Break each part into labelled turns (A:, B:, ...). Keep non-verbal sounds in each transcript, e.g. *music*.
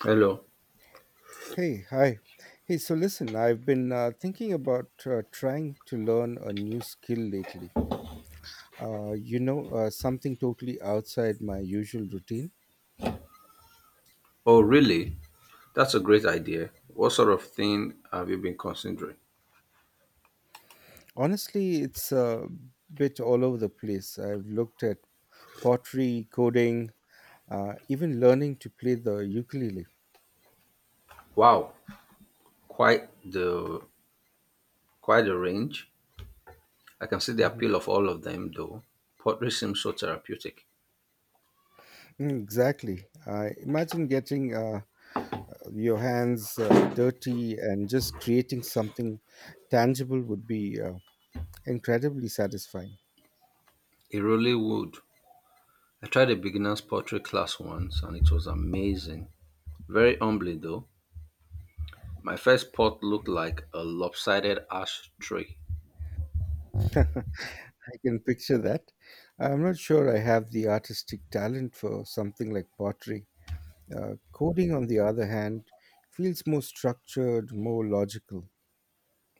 A: Hello.
B: Hey, hi. Hey, so listen, I've been thinking about trying to learn a new skill lately. Something totally outside my usual routine.
A: Oh, really? That's a great idea. What sort of thing have you been considering?
B: Honestly, it's a bit all over the place. I've looked at pottery, coding, even learning to play the ukulele.
A: Wow, quite the quite the range. I can see the
B: Mhm.
A: appeal of all of them, though. Pottery seems so therapeutic.
B: Exactly. I imagine getting your hands dirty and just creating something tangible would be incredibly satisfying.
A: It really would. I tried a beginner's pottery class once, and it was amazing. Very humbly, though. My first pot looked like a lopsided ashtray.
B: *laughs* I can picture that. I'm not sure I have the artistic talent for something like pottery. Coding, on the other hand, feels more structured, more logical.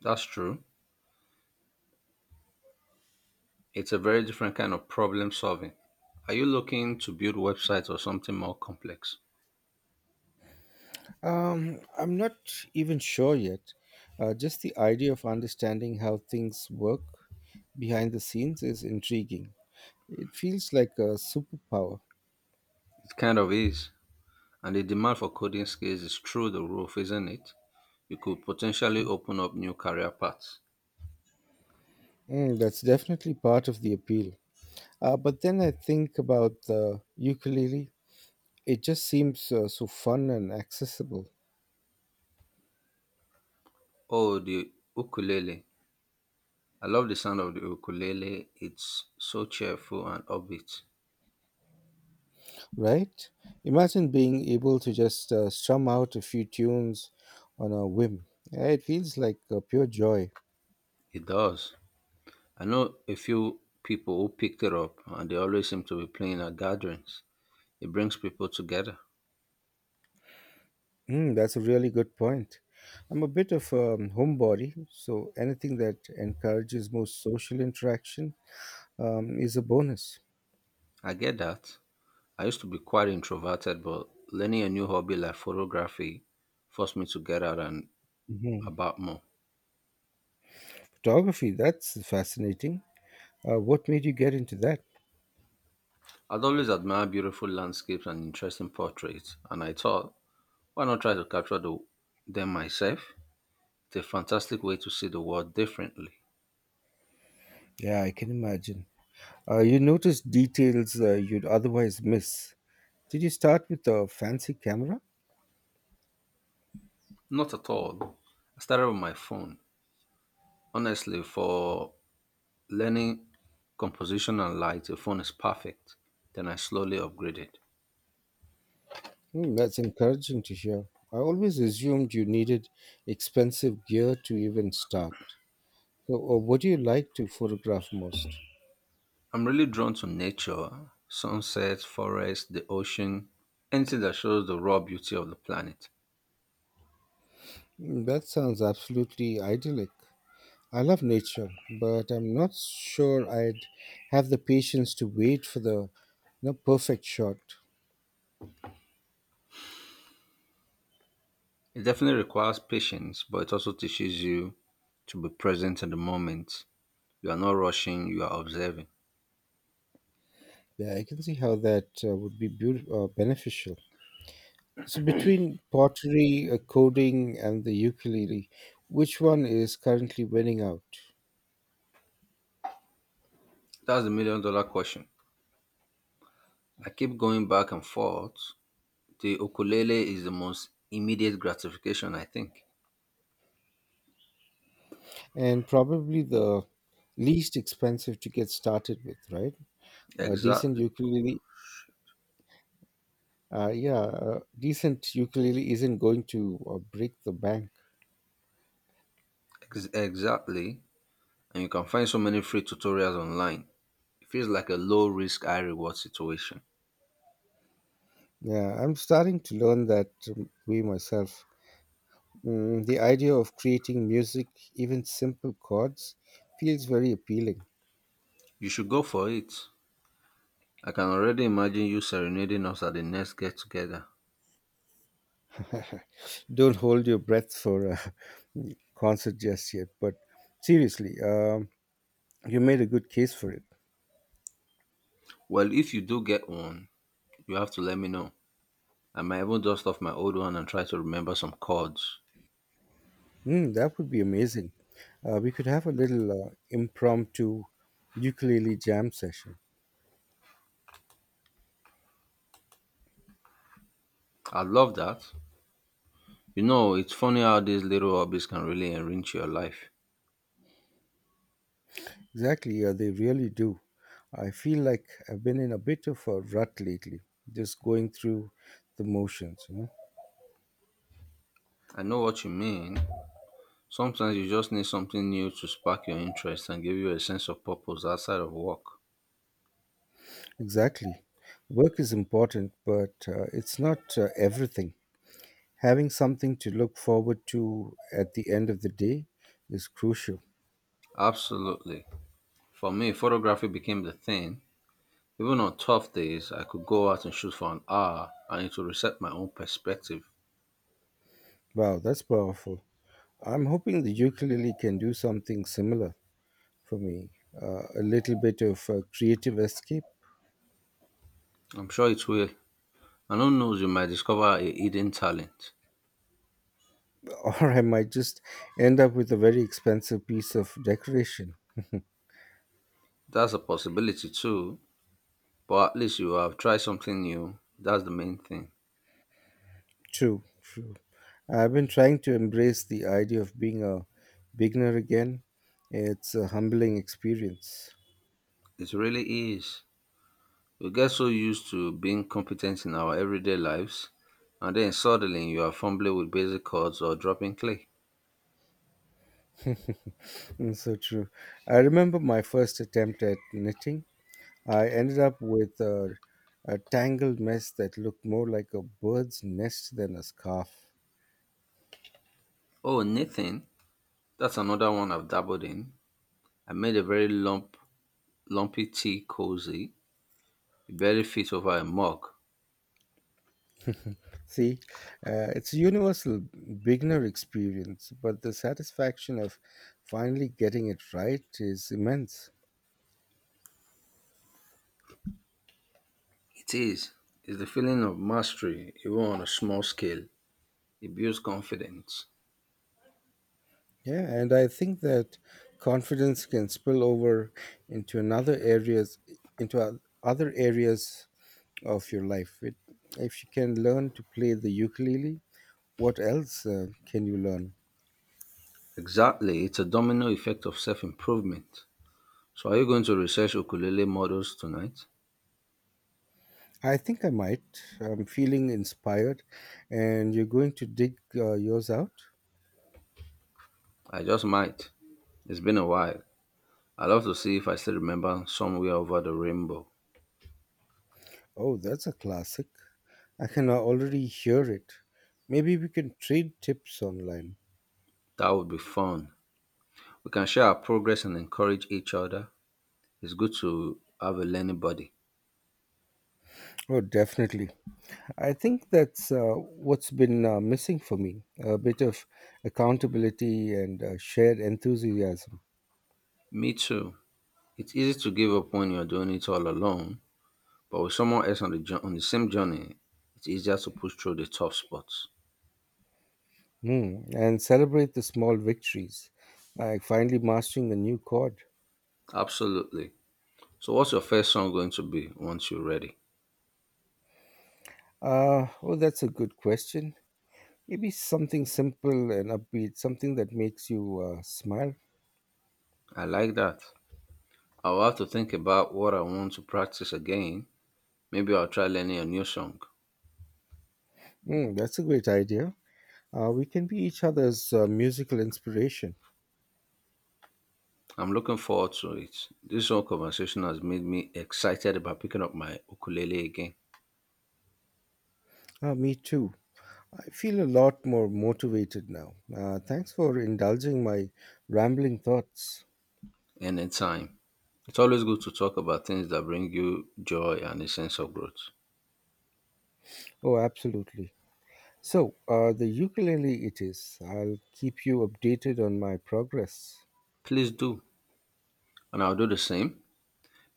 A: That's true. It's a very different kind of problem solving. Are you looking to build websites or something more complex?
B: I'm not even sure yet. Just the idea of understanding how things work behind the scenes is intriguing. It feels like a superpower.
A: It kind of is. And the demand for coding skills is through the roof, isn't it? You could potentially open up new career paths.
B: That's definitely part of the appeal. But then I think about the ukulele. It just seems so fun and accessible.
A: Oh, the ukulele. I love the sound of the ukulele. It's so cheerful and upbeat.
B: Right? Imagine being able to just strum out a few tunes on a whim. Yeah, it feels like pure joy.
A: It does. I know a few people who picked it up and they always seem to be playing at gatherings. It brings people together.
B: That's a really good point. I'm a bit of a homebody, so anything that encourages more social interaction is a bonus.
A: I get that. I used to be quite introverted, but learning a new hobby like photography forced me to get out and
B: Mhm.
A: about more.
B: Photography, that's fascinating. What made you get into that?
A: I'd always admired beautiful landscapes and interesting portraits, and I thought, why not try to capture them myself? It's a fantastic way to see the world differently.
B: Yeah, I can imagine. You notice details you'd otherwise miss. Did you start with a fancy camera?
A: Not at all. I started with my phone. Honestly, for learning composition and light, a phone is perfect. Then I slowly upgraded.
B: Hmm, that's encouraging to hear. I always assumed you needed expensive gear to even start. So, what do you like to photograph most?
A: I'm really drawn to nature, sunsets, forests, the ocean, anything that shows the raw beauty of the planet.
B: Hmm, that sounds absolutely idyllic. I love nature, but I'm not sure I'd have the patience to wait for the perfect shot.
A: It definitely requires patience, but it also teaches you to be present in the moment. You are not rushing, you are observing.
B: Yeah, I can see how that would be beneficial. So, between pottery, coding, and the ukulele, which one is currently winning out?
A: That's the million dollar question. I keep going back and forth. The ukulele is the most immediate gratification, I think.
B: And probably the least expensive to get started with, right? A decent
A: Exactly.
B: ukulele, yeah, a decent ukulele isn't going to break the bank.
A: Exactly. And you can find so many free tutorials online. It feels like a low risk, high reward situation.
B: Yeah, I'm starting to learn that way myself. The idea of creating music, even simple chords, feels very appealing.
A: You should go for it. I can already imagine you serenading us at the next get together.
B: *laughs* Don't hold your breath for a *laughs* concert just yet, but seriously, you made a good case for it.
A: Well, if you do get one, you have to let me know. I might even dust off my old one and try to remember some chords.
B: That would be amazing. We could have a little impromptu ukulele jam session.
A: I love that. You know, it's funny how these little hobbies can really enrich your life.
B: Exactly, they really do. I feel like I've been in a bit of a rut lately, just going through the motions, you know.
A: I know what you mean. Sometimes you just need something new to spark your interest and give you a sense of purpose outside of work.
B: Exactly. Work is important, but it's not everything. Having something to look forward to at the end of the day is crucial.
A: Absolutely. For me, photography became the thing. Even on tough days, I could go out and shoot for an hour and it will reset my own perspective.
B: Wow, that's powerful. I'm hoping the ukulele can do something similar for me, a little bit of a creative escape.
A: I'm sure it will. And who knows, you might discover a hidden talent.
B: *laughs* Or I might just end up with a very expensive piece of decoration. *laughs*
A: That's a possibility too. But at least you have tried something new. That's the main thing.
B: True, true. I've been trying to embrace the idea of being a beginner again. It's a humbling experience.
A: It really is. We get so used to being competent in our everyday lives, and then suddenly you are fumbling with basic chords or dropping clay.
B: *laughs* So true. I remember my first attempt at knitting. I ended up with a tangled mess that looked more like a bird's nest than a scarf.
A: Oh, Nathan, that's another one I've dabbled in. I made a lumpy tea cozy. It barely fits over a mug.
B: See, it's a universal beginner experience, but the satisfaction of finally getting it right is immense.
A: It is. It's the feeling of mastery, even on a small scale. It builds confidence.
B: Yeah, and I think that confidence can spill over into another areas, into other areas of your life. If you can learn to play the ukulele, what else can you learn?
A: Exactly. It's a domino effect of self improvement. So are you going to research ukulele models tonight?
B: I think I might. I'm feeling inspired, and you're going to dig yours out.
A: I just might. It's been a while. I'd love to see if I still remember somewhere over the rainbow.
B: Oh, that's a classic. I can already hear it. Maybe we can trade tips online.
A: That would be fun. We can share our progress and encourage each other. It's good to have a learning buddy.
B: Oh, definitely. I think that's what's been missing for me, a bit of accountability and shared enthusiasm.
A: Me too. It's easy to give up when you're doing it all alone, but with someone else on on the same journey, it's easier to push through the tough spots.
B: And celebrate the small victories, like finally mastering a new chord.
A: Absolutely. So what's your first song going to be once you're ready?
B: Oh, that's a good question. Maybe something simple and upbeat, something that makes you smile.
A: I like that. I'll have to think about what I want to practice again. Maybe I'll try learning a new song.
B: That's a great idea. We can be each other's musical inspiration.
A: I'm looking forward to it. This whole conversation has made me excited about picking up my ukulele again.
B: Me too. I feel a lot more motivated now. Thanks for indulging my rambling thoughts.
A: Anytime. It's always good to talk about things that bring you joy and a sense of growth.
B: Oh, absolutely. So, the ukulele it is. I'll keep you updated on my progress.
A: Please do, and I'll do the same.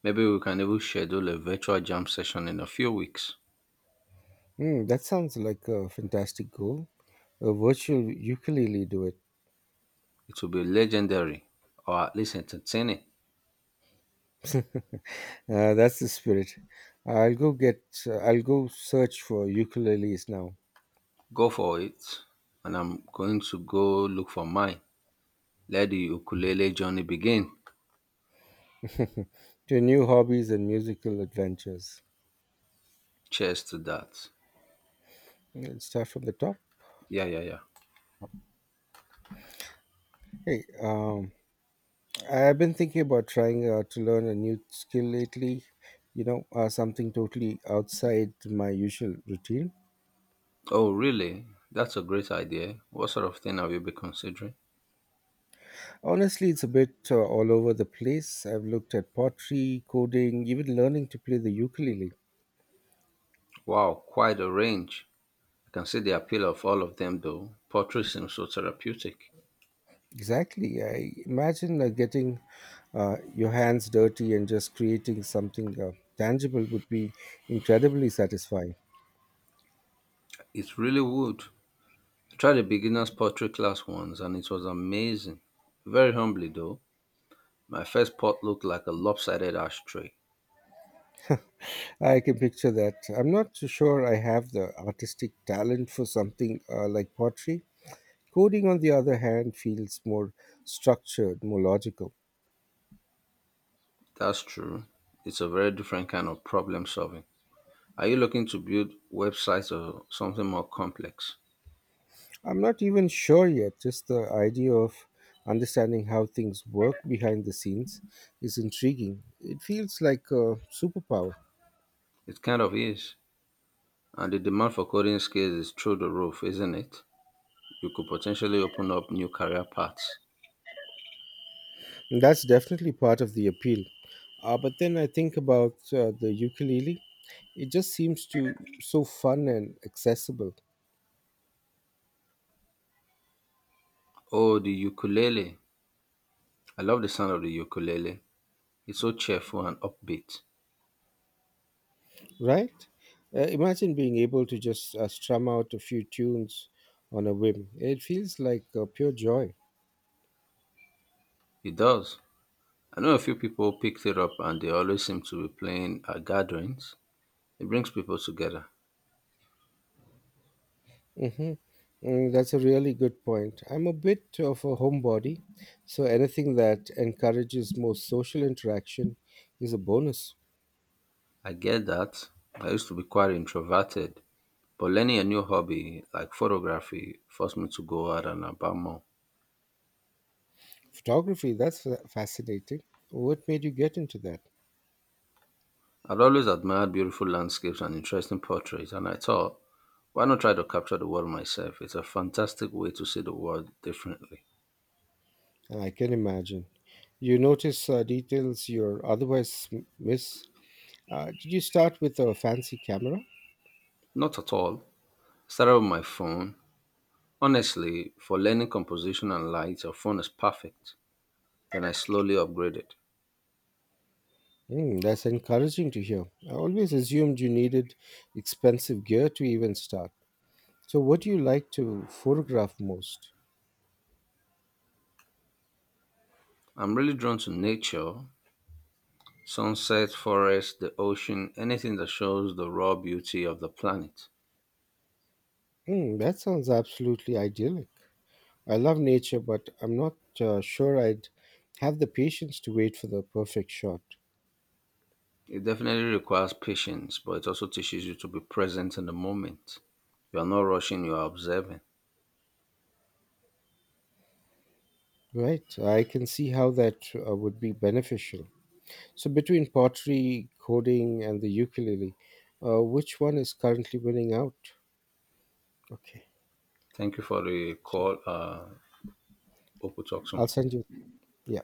A: Maybe we can even schedule a virtual jam session in a few weeks.
B: Hmm, that sounds like a fantastic goal. A virtual ukulele duet.
A: It will be legendary, or at least entertaining.
B: That's the spirit. I'll go get. I'll go search for ukuleles now.
A: Go for it, and I'm going to go look for mine. Let the ukulele journey begin.
B: *laughs* To new hobbies and musical adventures.
A: Cheers to that.
B: Yeah, let's start from the top.
A: Yeah, yeah, yeah.
B: Hey, I've been thinking about trying to learn a new skill lately. Something totally outside my usual routine.
A: Oh, really? That's a great idea. What sort of thing have you been considering?
B: Honestly, it's a bit all over the place. I've looked at pottery, coding, even learning to play the ukulele.
A: Wow, quite a range. I can see the appeal of all of them, though. Pottery seems so therapeutic.
B: Exactly. I imagine getting your hands dirty and just creating something tangible would be incredibly satisfying.
A: It really would. I tried a beginner's pottery class once, and it was amazing. Very humbly, though. My first pot looked like a lopsided ashtray.
B: I can picture that. I'm not so sure I have the artistic talent for something like pottery. Coding, on the other hand, feels more structured, more logical.
A: That's true. It's a very different kind of problem solving. Are you looking to build websites or something more complex?
B: I'm not even sure yet, just the idea of understanding how things work behind the scenes is intriguing. It feels like a superpower.
A: It kind of is. And the demand for coding skills is through the roof, isn't it? You could potentially open up new career paths.
B: And that's definitely part of the appeal. But then I think about the ukulele. It just seems to so fun and accessible.
A: Oh, the ukulele. I love the sound of the ukulele. It's so cheerful and upbeat.
B: Right? Imagine being able to just strum out a few tunes on a whim. It feels like pure joy.
A: It does. I know a few people picked it up and they always seem to be playing at gatherings. It brings people together.
B: Mm-hmm. That's a really good point. I'm a bit of a homebody, so anything that encourages more social interaction is a bonus.
A: I get that. I used to be quite introverted, but learning a new hobby like photography forced me to go out and about more.
B: Photography, that's fascinating. What made you get into that?
A: I'd always admired beautiful landscapes and interesting portraits, and I thought, why not try to capture the world myself? It's a fantastic way to see the world differently.
B: I can imagine. You notice details you're otherwise miss. Did you start with a fancy camera?
A: Not at all. Started with my phone. Honestly, for learning composition and light, your phone is perfect. Then I slowly upgraded.
B: That's encouraging to hear. I always assumed you needed expensive gear to even start. So, what do you like to photograph most?
A: I'm really drawn to nature, sunset, forest, the ocean, anything that shows the raw beauty of the planet.
B: That sounds absolutely idyllic. I love nature, but I'm not sure I'd have the patience to wait for the perfect shot.
A: It definitely requires patience, but it also teaches you to be present in the moment. You are not rushing, you are observing.
B: Right, I can see how that would be beneficial. So, between pottery, coding, and the ukulele, which one is currently winning out? Okay,
A: Thank you for the call. Hope we talk soon.
B: I'll send you. Yeah.